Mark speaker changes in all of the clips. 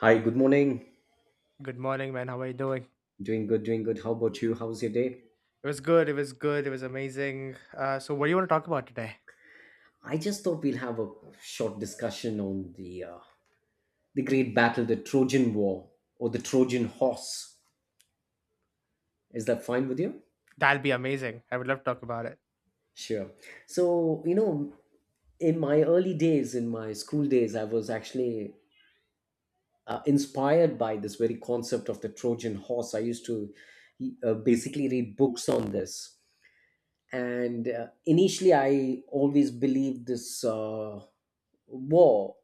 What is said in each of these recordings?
Speaker 1: Hi, good morning.
Speaker 2: Good morning, man. How are you doing?
Speaker 1: Doing good, doing good. How about you? How's your day?
Speaker 2: It was good. It was good. It was amazing. So, what do you want to talk about today?
Speaker 1: I just thought we'll have a short discussion on the great battle, the Trojan War or the Trojan Horse. Is that fine with you?
Speaker 2: That'll be amazing. I would love to talk about it.
Speaker 1: Sure. So, you know, in my early days, in my school days, I was actually inspired by this very concept of the Trojan Horse. I used to basically read books on this. And initially, I always believed this war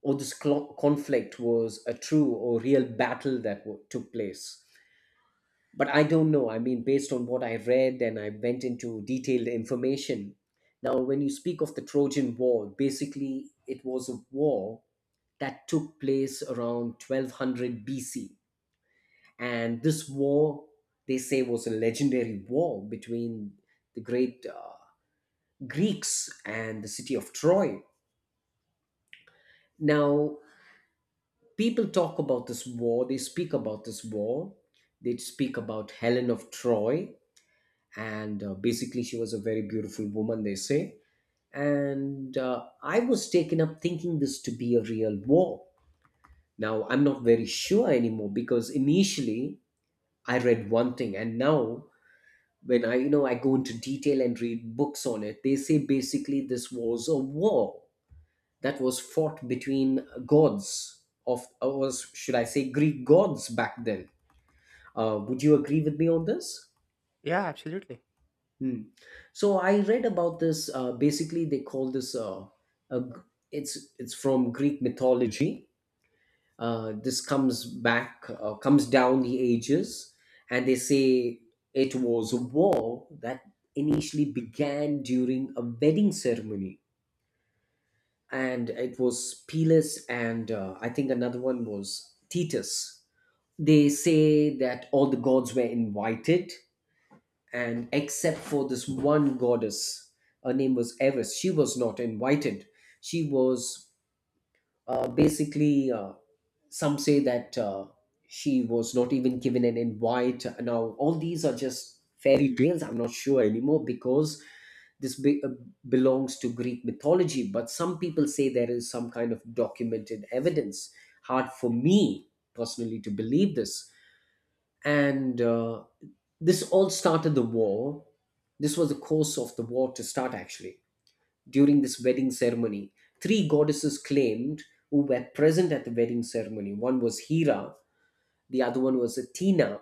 Speaker 1: or this conflict was a true or real battle that took place. But I don't know. I mean, based on what I read and I went into detailed information. Now, when you speak of the Trojan War, basically it was a war that took place around 1200 BC. And this war, they say, was a legendary war between the great Greeks and the city of Troy. Now, people talk about this war, they speak about Helen of Troy, and basically she was a very beautiful woman, they say. And I was taken up thinking this to be a real war. Now I'm not very sure anymore, because initially I read one thing, and now when I, I go into detail and read books on it, they say basically this was a war that was fought between gods, of or should I say Greek gods back then. Would you agree with me on this?
Speaker 2: Yeah, absolutely.
Speaker 1: Hmm. So I read about this. Basically, they call this. A, g it's from Greek mythology. This comes back, comes down the ages, and they say it was a war that initially began during a wedding ceremony, and it was Peles and I think another one was Thetis. They say that all the gods were invited, and except for this one goddess. Her name was Eris. She was not invited. She was basically, some say that she was not even given an invite. Now all these are just fairy tales. I'm not sure anymore, because this belongs to Greek mythology, but some people say there is some kind of documented evidence. Hard for me personally to believe this. And this all started the war. This was the course of the war to start. Actually, during this wedding ceremony, three goddesses claimed, who were present at the wedding ceremony. One was Hera, the other one was Athena,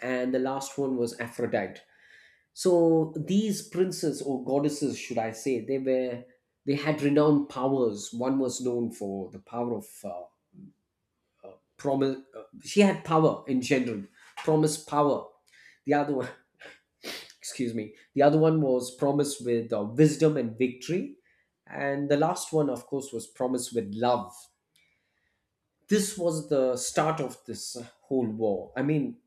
Speaker 1: and the last one was Aphrodite. So these princes or goddesses, should I say, they were, they had renowned powers. One was known for the power of promise. She had power in general, promise power. The other one, excuse me, the other one was promised with wisdom and victory, and the last one, of course, was promised with love. This was the start of this whole war. I mean,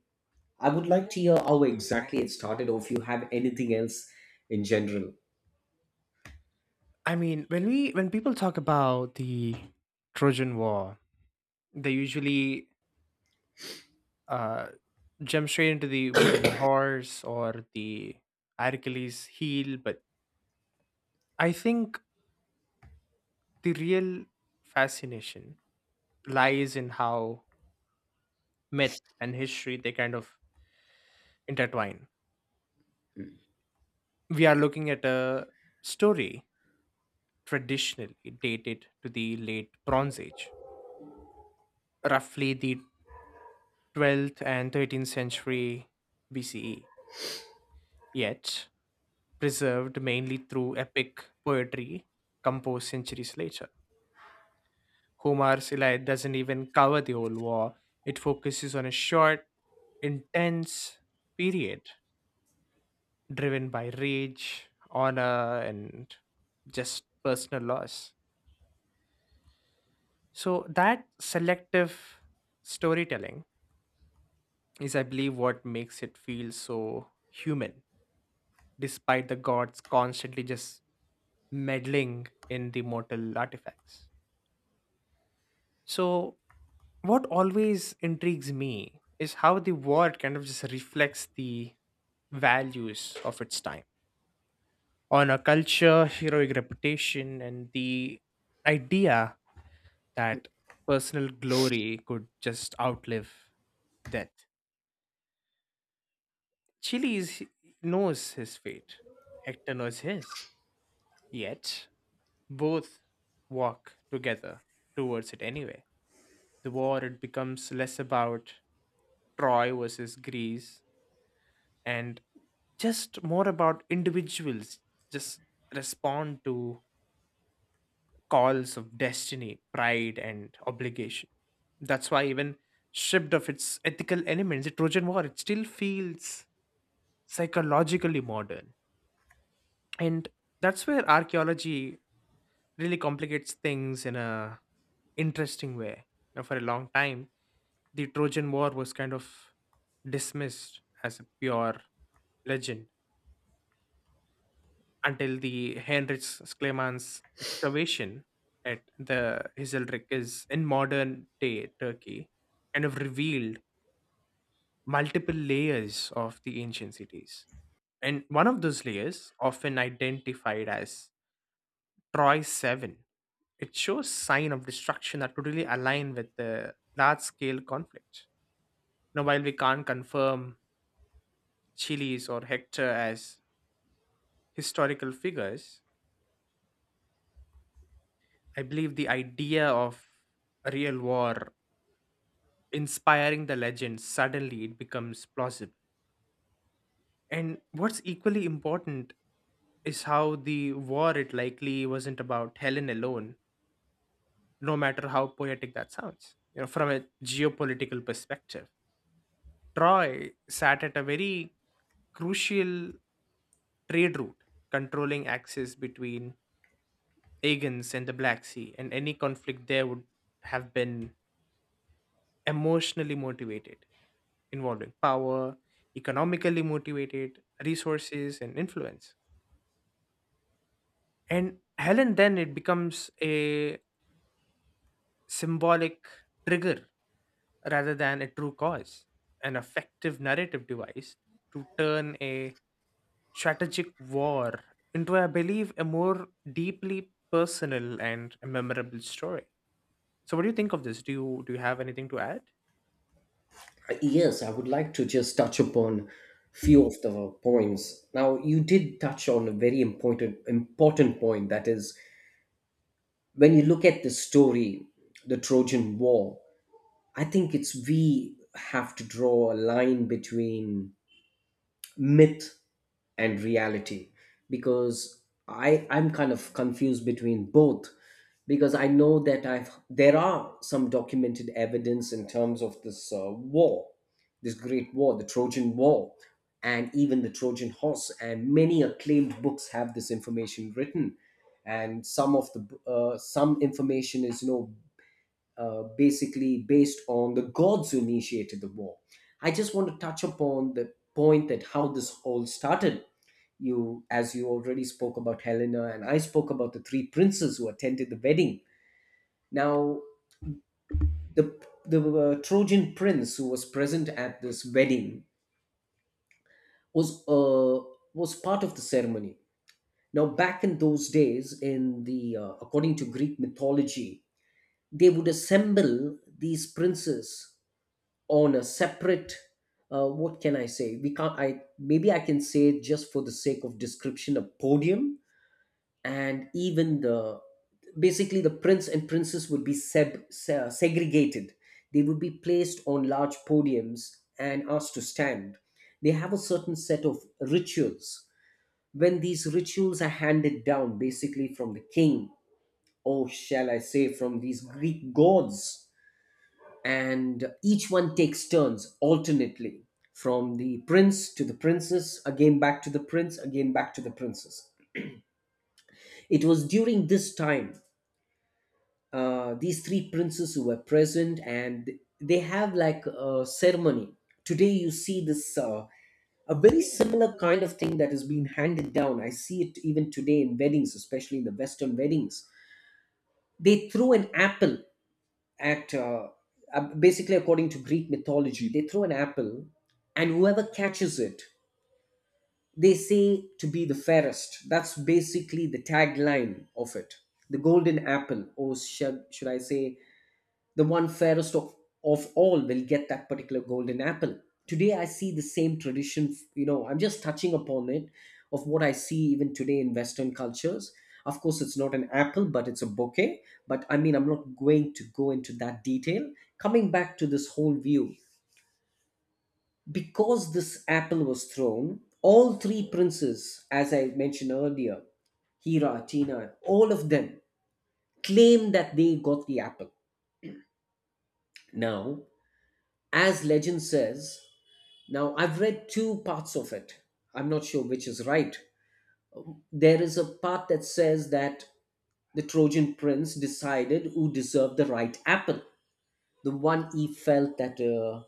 Speaker 1: I would like to hear how exactly it started, or if you have anything else in general.
Speaker 2: I mean, when people talk about the Trojan War, they usually uh, jump straight into the wooden horse or the Hercules heel. But I think the real fascination lies in how myth and history they kind of intertwine. We are looking at a story traditionally dated to the late Bronze Age, roughly the 12th and 13th century BCE, yet preserved mainly through epic poetry composed centuries later. Homer's Iliad doesn't even cover the whole war, it focuses on a short, intense period driven by rage, honor, and just personal loss. So that selective storytelling is, I believe, what makes it feel so human, despite the gods constantly just meddling in the mortal artifacts. So, what always intrigues me is how the world kind of just reflects the values of its time on a culture, heroic reputation, and the idea that personal glory could just outlive death. Achilles knows his fate, Hector knows his. Yet, both walk together towards it anyway. The war, it becomes less about Troy versus Greece and just more about individuals just respond to calls of destiny, pride, and obligation. That's why even stripped of its ethical elements, the Trojan War it still feels psychologically modern, and that's where archaeology really complicates things in a interesting way. Now, for a long time, the Trojan War was kind of dismissed as a pure legend until the Heinrich Schliemann's excavation at the Hizalrik is in modern day Turkey kind of revealed multiple layers of the ancient cities. And one of those layers, often identified as Troy 7, it shows sign of destruction that could really align with the large scale conflict. Now, while we can't confirm Chiles or Hector as historical figures, I believe the idea of a real war inspiring the legend suddenly it becomes plausible. And what's equally important is how the war it likely wasn't about Helen alone, no matter how poetic that sounds. You know, from a geopolitical perspective, Troy sat at a very crucial trade route, controlling access between Aegons and the Black Sea, and any conflict there would have been emotionally motivated, involving power, economically motivated resources, and influence. And Helen, then it becomes a symbolic trigger rather than a true cause, an effective narrative device to turn a strategic war into, I believe, a more deeply personal and memorable story. So, what do you think of this? Do you have anything to add?
Speaker 1: Yes, I would like to just touch upon few of the points. Now you did touch on a very important point, that is, when you look at the story, the Trojan War, I think it's, we have to draw a line between myth and reality, because I'm kind of confused between both, because I know that I've, there are some documented evidence in terms of this war, this great war, the Trojan War, and even the Trojan Horse, and many acclaimed books have this information written. And some of the some information is, basically based on the gods who initiated the war. I just want to touch upon the point that how this all started. You, as you already spoke about Helena, and I spoke about the three princes who attended the wedding. Now, the the Trojan prince who was present at this wedding was uh, was part of the ceremony. Now, back in those days, in the according to Greek mythology, they would assemble these princes on a separate what can I say, we can't, I, maybe I can say, just for the sake of description, a podium. And even the basically the prince and princess would be segregated. They would be placed on large podiums and asked to stand. They have a certain set of rituals, when these rituals are handed down basically from the king, or shall I say from these Greek gods, and each one takes turns alternately, from the prince to the princess, again back to the prince, again back to the princess. It was during this time, these three princes who were present, and they have like a ceremony. Today, you see this a very similar kind of thing that is being handed down. I see it even today in weddings, especially in the Western weddings. They throw an apple at basically according to Greek mythology, they throw an apple, and whoever catches it, they say to be the fairest. That's basically the tagline of it. The golden apple, or should I say, the one fairest of all will get that particular golden apple. Today I see the same tradition, I'm just touching upon it, of what I see even today in Western cultures. Of course, it's not an apple, but it's a bouquet. But I mean, I'm not going to go into that detail. Coming back to this whole view, because this apple was thrown, all three princes, as I mentioned earlier, Hira, Tina, all of them claim that they got the apple. Now, as legend says, now, I've read two parts of it. I'm not sure which is right. There is a part that says that the Trojan prince decided who deserved the right apple, the one he felt that uh,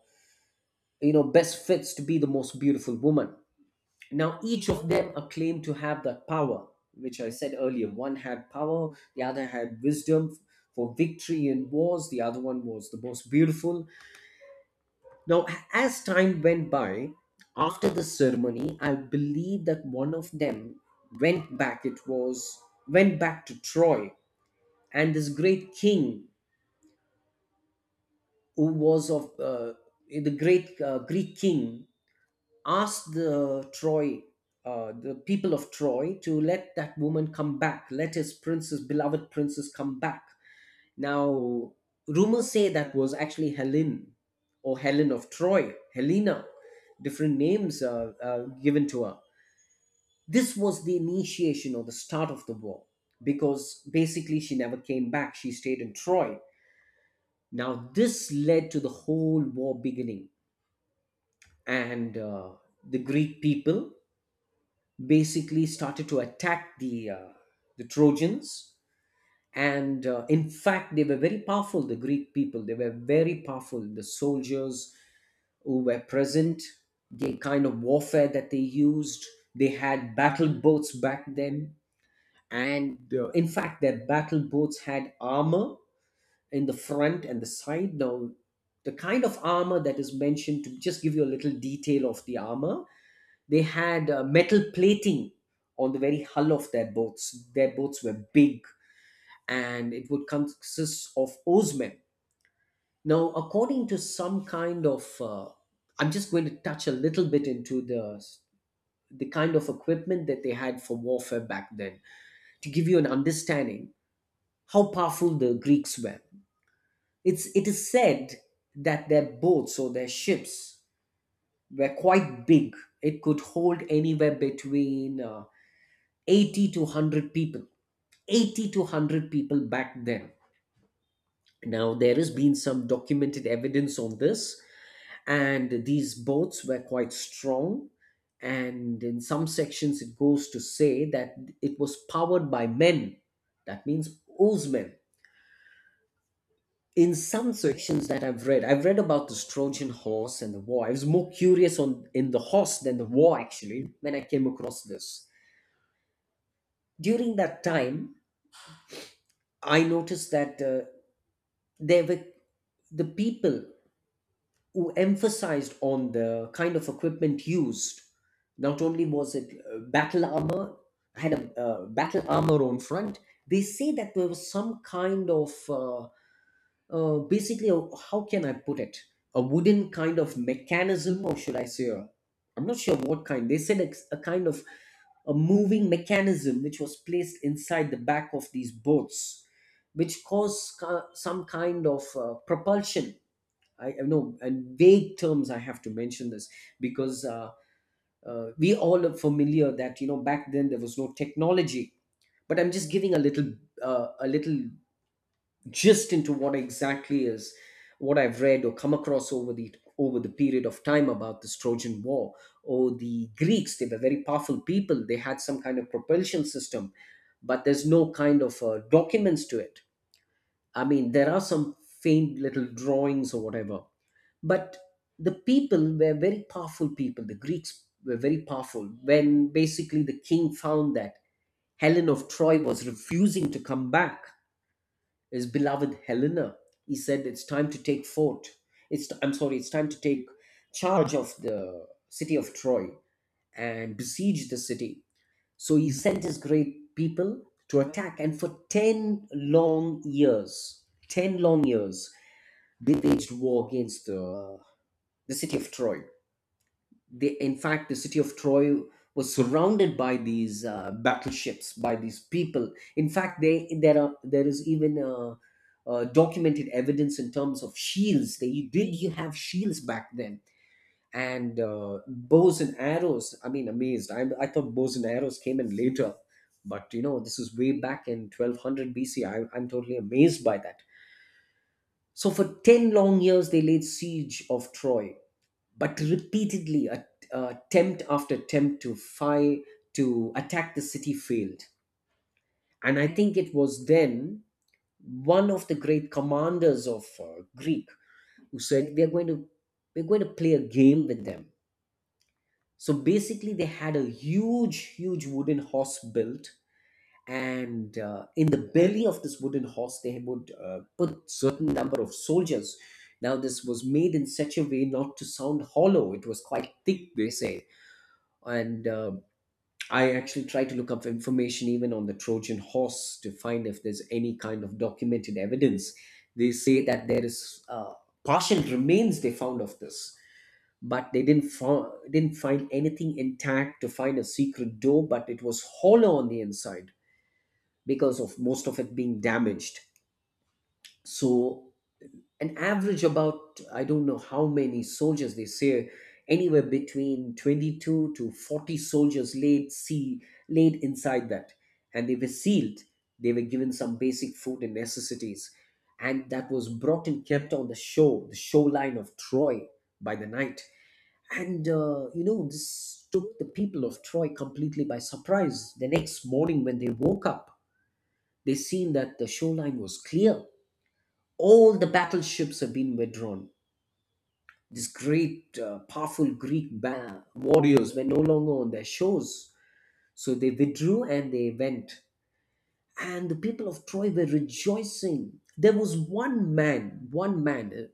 Speaker 1: you know best fits to be the most beautiful woman. Now, each of them are claimed to have that power, which I said earlier. One had power, the other had wisdom for victory in wars. The other one was the most beautiful. Now, as time went by, after the ceremony, I believe that one of them went back. It was, went back to Troy, and this great king, who was of the great Greek king, asked the Troy, the people of Troy, to let that woman come back, let his princess, beloved princess, come back. Now, rumors say that was actually Helen, or Helen of Troy, Helena, different names given to her. This was the initiation or the start of the war, because basically she never came back. She stayed in Troy. Now, this led to the whole war beginning. And the Greek people basically started to attack the Trojans. And in fact, they were very powerful, the Greek people, they were very powerful. The soldiers who were present, the kind of warfare that they used, they had battle boats back then. And in fact, their battle boats had armor in the front and the side. Now, the kind of armor that is mentioned, to just give you a little detail of the armor, they had metal plating on the very hull of their boats. Their boats were big, and it would consist of Osman. Now, according to some kind of, I'm just going to touch a little bit into the kind of equipment that they had for warfare back then to give you an understanding how powerful the Greeks were. It is said that their boats or their ships were quite big. It could hold anywhere between 80 to 100 people. 80 to 100 people back then. Now, there has been some documented evidence on this, and these boats were quite strong, and in some sections it goes to say that it was powered by men, that means oarsmen. In some sections that I've read, I've read about this Trojan Horse and the war. I was more curious on in the horse than the war, actually. When I came across this, during that time, I noticed that there were the people who emphasized on the kind of equipment used. Not only was it battle armor, had a battle armor on front. They say that there was some kind of basically, a, how can I put it? A wooden kind of mechanism, or should I say, I am not sure what kind. They said it's a kind of a moving mechanism which was placed inside the back of these boats, which caused some kind of propulsion. I know, and vague terms. I have to mention this because we all are familiar that, you know, back then there was no technology. But I'm just giving a little gist into what exactly is what I've read or come across over the period of time about this Trojan War. Or the Greeks, they were very powerful people. They had some kind of propulsion system, but there's no kind of documents to it. I mean, there are some faint little drawings or whatever. But the people were very powerful people. The Greeks were very powerful. When basically the king found that Helen of Troy was refusing to come back, his beloved Helena, he said, "It's time to take fort." It's I'm sorry, it's time to take charge of the city of Troy and besiege the city. So he sent his great people to attack, and for 10 long years, 10 long years, they waged war against the city of Troy. In fact, the city of Troy was surrounded by these battleships, by these people. In fact, there is even documented evidence in terms of shields. They did You have shields back then, and bows and arrows. I mean, amazed. I thought bows and arrows came in later, but this is way back in 1200 BC. I'm totally amazed by that. So, for 10 long years, they laid siege of Troy, but repeatedly, attempt after attempt to attack the city failed. And I think it was then one of the great commanders of Greek who said, "We're going to we're going to play a game with them." So basically, they had a huge, huge wooden horse built, and in the belly of this wooden horse, they would put certain number of soldiers. Now, this was made in such a way not to sound hollow. It was quite thick, they say. And I actually tried to look up information even on the Trojan horse to find if there's any kind of documented evidence. They say that there is partial remains they found of this, but they didn't find anything intact to find a secret door, but it was hollow on the inside because of most of it being damaged. So, an average, about I don't know how many soldiers they say, anywhere between 22 to 40 soldiers laid inside that, and they were sealed. They were given some basic food and necessities, and that was brought and kept on the shoreline of Troy by the night. And this took the people of Troy completely by surprise. The next morning, when they woke up, they seen that the shoreline was clear. All the battleships had been withdrawn. These great, powerful Greek warriors were no longer on their shores. So they withdrew and they went. And the people of Troy were rejoicing. There was one man,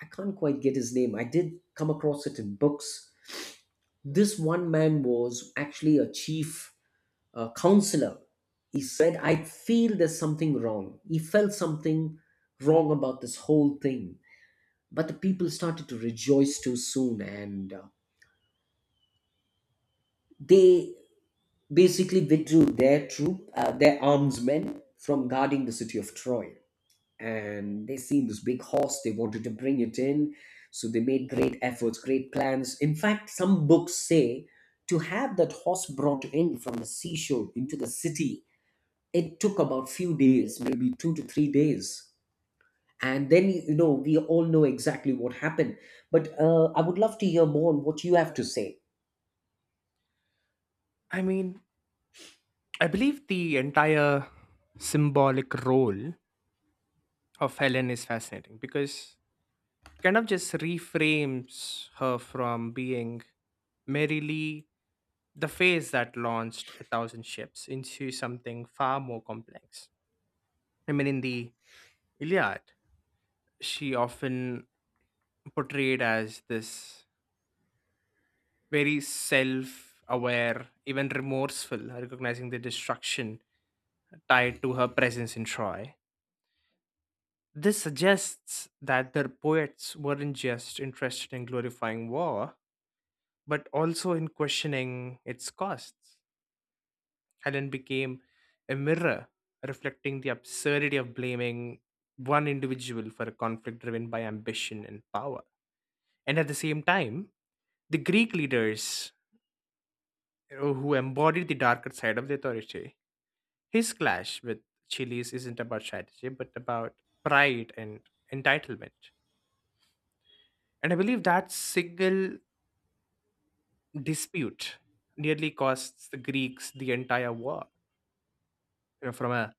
Speaker 1: I can't quite get his name. I did come across it in books. This one man was actually a chief counselor. He said, "I feel there's something wrong." He felt something wrong about this whole thing. But the people started to rejoice too soon, and they basically withdrew their arms men from guarding the city of Troy. And they seen this big horse, they wanted to bring it in. So they made great efforts, great plans. In fact, some books say, to have that horse brought in from the seashore into the city, it took about few days, maybe 2 to 3 days. And then, we all know exactly what happened. But I would love to hear more on what you have to say.
Speaker 2: I mean, I believe the entire symbolic role of Helen is fascinating because it kind of just reframes her from being merely the face that launched a thousand ships into something far more complex. I mean, in the Iliad, she often portrayed as this very self aware, even remorseful, recognizing the destruction tied to her presence in Troy. This suggests that their poets weren't just interested in glorifying war, but also in questioning its costs. Helen became a mirror reflecting the absurdity of blaming one individual for a conflict driven by ambition and power. And at the same time, the Greek leaders, who embodied the darker side of the authority, his clash with Chiles isn't about strategy, but about pride and entitlement. And I believe that single dispute nearly costs the Greeks the entire war. You know, from a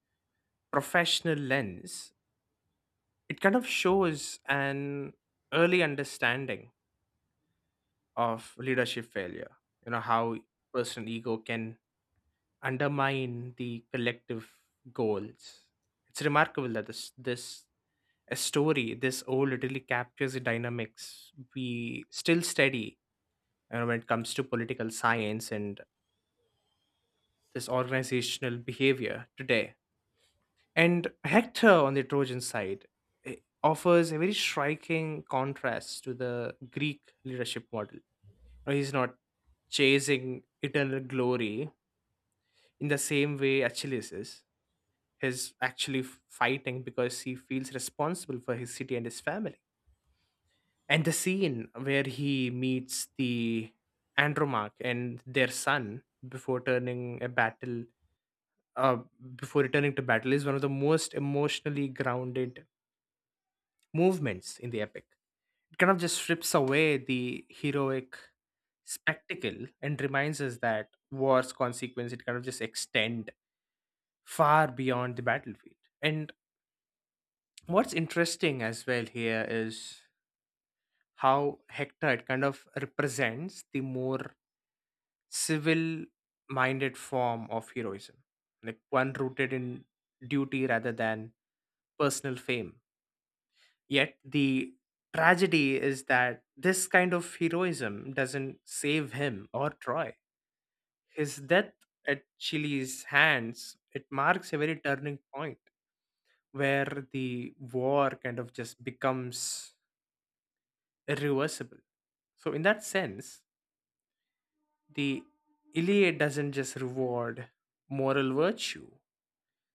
Speaker 2: professional lens, it kind of shows an early understanding of leadership failure. You know, how personal ego can undermine the collective goals. It's remarkable that this a story this old really captures the dynamics we still study, you know, when it comes to political science and this organizational behavior today. And Hector on the Trojan side, eh, offers a very striking contrast to the Greek leadership model. Now, he's not chasing eternal glory in the same way Achilles is. He's actually fighting because he feels responsible for his city and his family. And the scene where he meets the Andromache and their son uh, before returning to battle, is one of the most emotionally grounded movements in the epic. It kind of just strips away the heroic spectacle and reminds us that war's consequence it kind of just extend far beyond the battlefield. And what's interesting as well here is how Hector it kind of represents the more civil minded form of heroism. Like one rooted in duty rather than personal fame. Yet the tragedy is that this kind of heroism doesn't save him or Troy. His death at Chile's hands, it marks a very turning point where the war kind of just becomes irreversible. So in that sense, the Iliad doesn't just reward moral virtue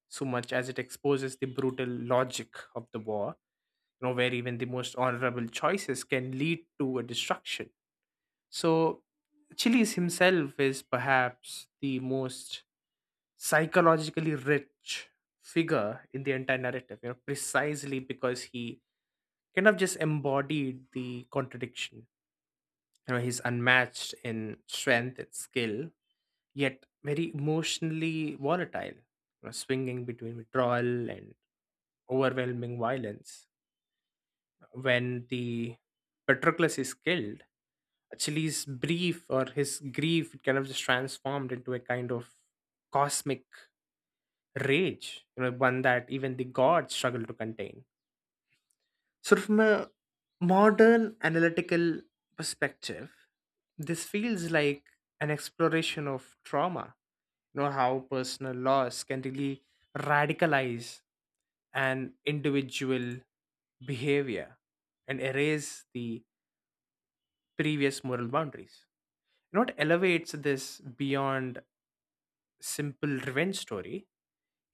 Speaker 2: so much as it exposes the brutal logic of the war, you know, where even the most honorable choices can lead to a destruction. So, Chiles himself is perhaps the most psychologically rich figure in the entire narrative, you know, precisely because he kind of just embodied the contradiction. You know, he's unmatched in strength and skill, yet very emotionally volatile, you know, swinging between withdrawal and overwhelming violence. When the Patroclus is killed, Achilles' brief or his grief it kind of just transformed into a kind of cosmic rage, you know, one that even the gods struggle to contain. So, from a modern analytical perspective, this feels like an exploration of trauma, you know, how personal loss can really radicalize an individual behavior and erase the previous moral boundaries. You know, what elevates this beyond simple revenge story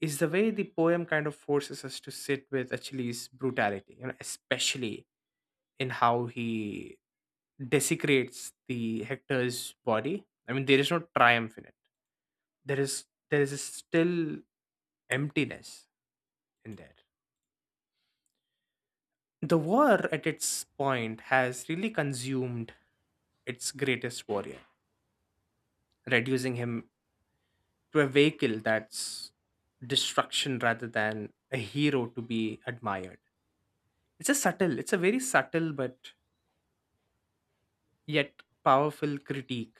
Speaker 2: is the way the poem kind of forces us to sit with Achilles' brutality, you know, especially in how he desecrates the Hector's body. I mean, there is no triumph in it. There is still emptiness in there. The war at its point has really consumed its greatest warrior, reducing him to a vehicle that's destruction rather than a hero to be admired. It's a subtle, it's a very subtle but yet powerful critique.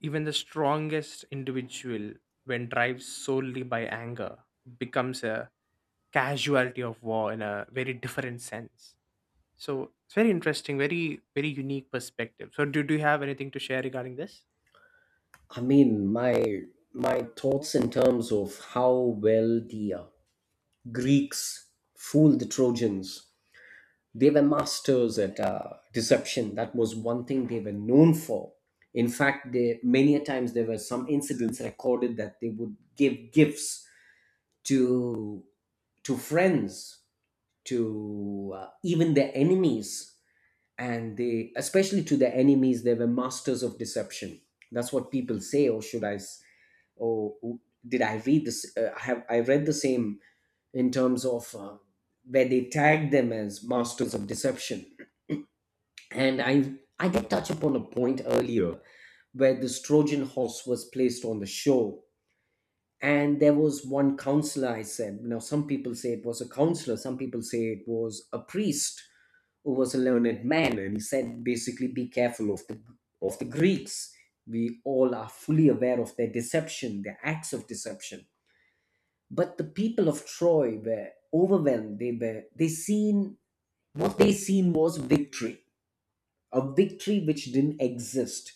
Speaker 2: Even the strongest individual, when drives solely by anger, becomes a casualty of war in a very different sense. So it's very interesting, very, very unique perspective. So, do you have anything to share regarding this?
Speaker 1: I mean, my thoughts in terms of how well the Greeks fooled the Trojans, they were masters at deception. That was one thing they were known for. In fact, many a times there were some incidents recorded that they would give gifts to to friends, to even their enemies, and they, especially to their enemies, they were masters of deception. That's what people say, or did I read this? I read the same, in terms of where they tag them as masters of deception. And I did touch upon a point earlier where this Trojan horse was placed on the show. And there was one counselor, I said. Now, some people say it was a counselor, some people say it was a priest, who was a learned man, and he said, basically, be careful of the Greeks. We all are fully aware of their deception, their acts of deception. But the people of Troy were overwhelmed. They seen, what they seen was victory, a victory which didn't exist,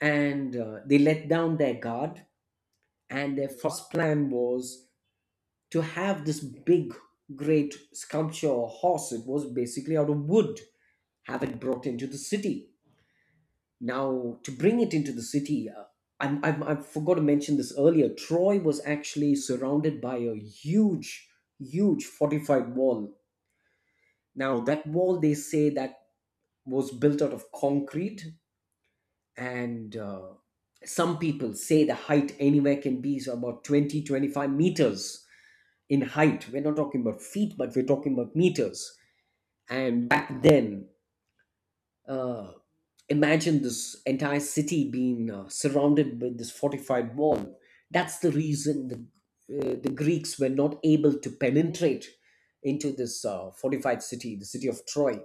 Speaker 1: and they let down their guard. And their first plan was to have this big, great sculpture or horse. It was basically out of wood. Have it brought into the city. Now, to bring it into the city, I forgot to mention this earlier. Troy was actually surrounded by a huge, huge fortified wall. Now, that wall, they say that, was built out of concrete, and some people say the height anywhere can be so about 20, 25 meters in height. We're not talking about feet, but we're talking about meters. And back then, uh, imagine this entire city being surrounded by this fortified wall. That's the reason the Greeks were not able to penetrate into this fortified city, the city of Troy.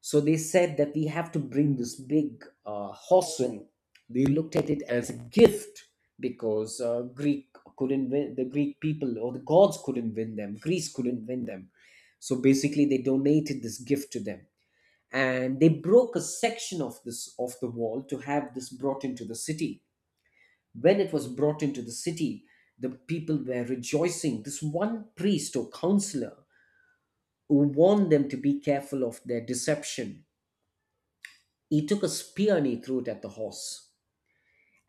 Speaker 1: So they said that we have to bring this big horseman. They looked at it as a gift because Greek couldn't win, the Greek people or the gods couldn't win them. Greece couldn't win them. So basically, they donated this gift to them, and they broke a section of the wall to have this brought into the city. When it was brought into the city, the people were rejoicing. This one priest or counselor, who warned them to be careful of their deception, he took a spear and he threw it at the horse,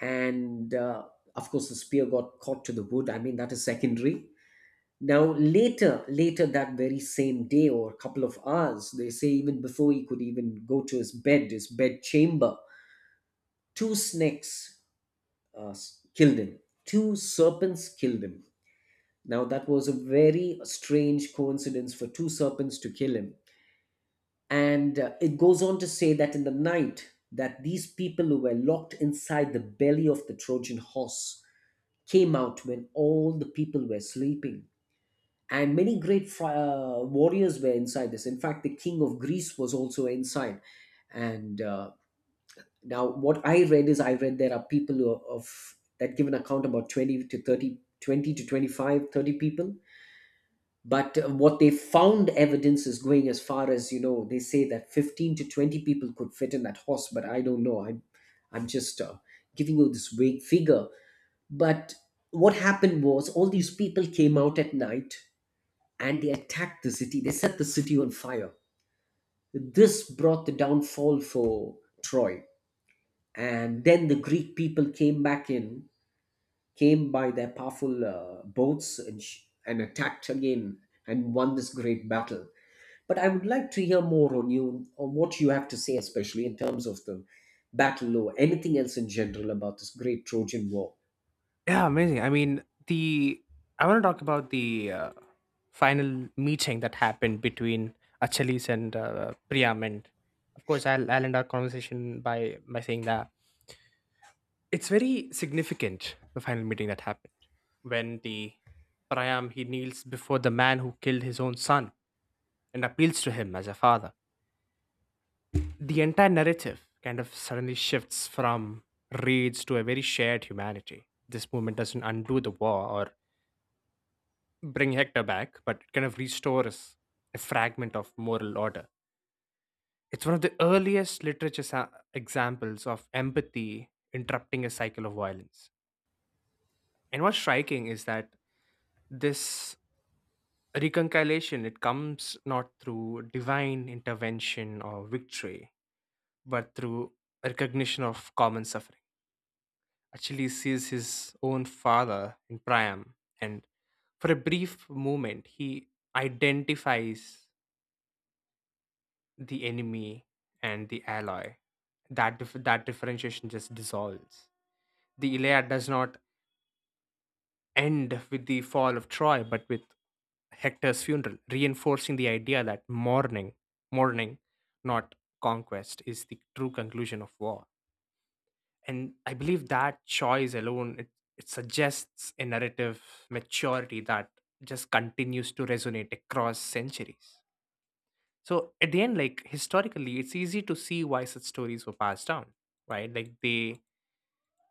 Speaker 1: and of course the spear got caught to the wood. I mean, that is secondary. Now, later that very same day, or a couple of hours, they say, even before he could even go to his bed chamber, two snakes, uh, killed him. Two serpents killed him. Now, that was a very strange coincidence for two serpents to kill him. And it goes on to say that in the night, that these people who were locked inside the belly of the Trojan horse came out when all the people were sleeping. And many great warriors were inside this. In fact, the king of Greece was also inside. And now, what I read, there are people who are of that, give an account about 20 to 30, 20 to twenty five, 30 people. But what they found evidence is going as far as, they say that 15 to 20 people could fit in that horse. But I don't know, I'm just giving you this vague figure. But what happened was, all these people came out at night, and they attacked the city, they set the city on fire. This brought the downfall for Troy. And then the Greek people came back in, came by their powerful boats, and attacked again, and won this great battle. But I would like to hear more on what you have to say, especially in terms of the battle or anything else in general about this great Trojan War.
Speaker 2: Yeah, amazing. I mean, the I want to talk about the final meeting that happened between Achilles and Priam, and of course, I'll end our conversation by saying that it's very significant the final meeting that happened when the Priam he kneels before the man who killed his own son and appeals to him as a father. The entire narrative kind of suddenly shifts from raids to a very shared humanity. This movement doesn't undo the war or bring Hector back, but it kind of restores a fragment of moral order. It's one of the earliest literature examples of empathy interrupting a cycle of violence. And what's striking is that this reconciliation it comes not through divine intervention or victory, but through recognition of common suffering. Achilles sees his own father in Priam, and for a brief moment, he identifies the enemy and the ally, that differentiation just dissolves. The Iliad does not end with the fall of Troy but with Hector's funeral, reinforcing the idea that mourning not conquest is the true conclusion of war. And I believe that choice alone, it suggests a narrative maturity that just continues to resonate across centuries. So at the end, like historically, it's easy to see why such stories were passed down, right? Like they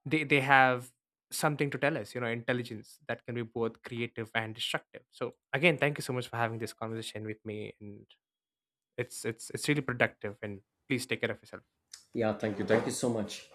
Speaker 2: they they have something to tell us, you know, intelligence that can be both creative and destructive. So again, thank you so much for having this conversation with me, and it's really productive. And please take care of yourself.
Speaker 1: Yeah, thank you. Thank you so much.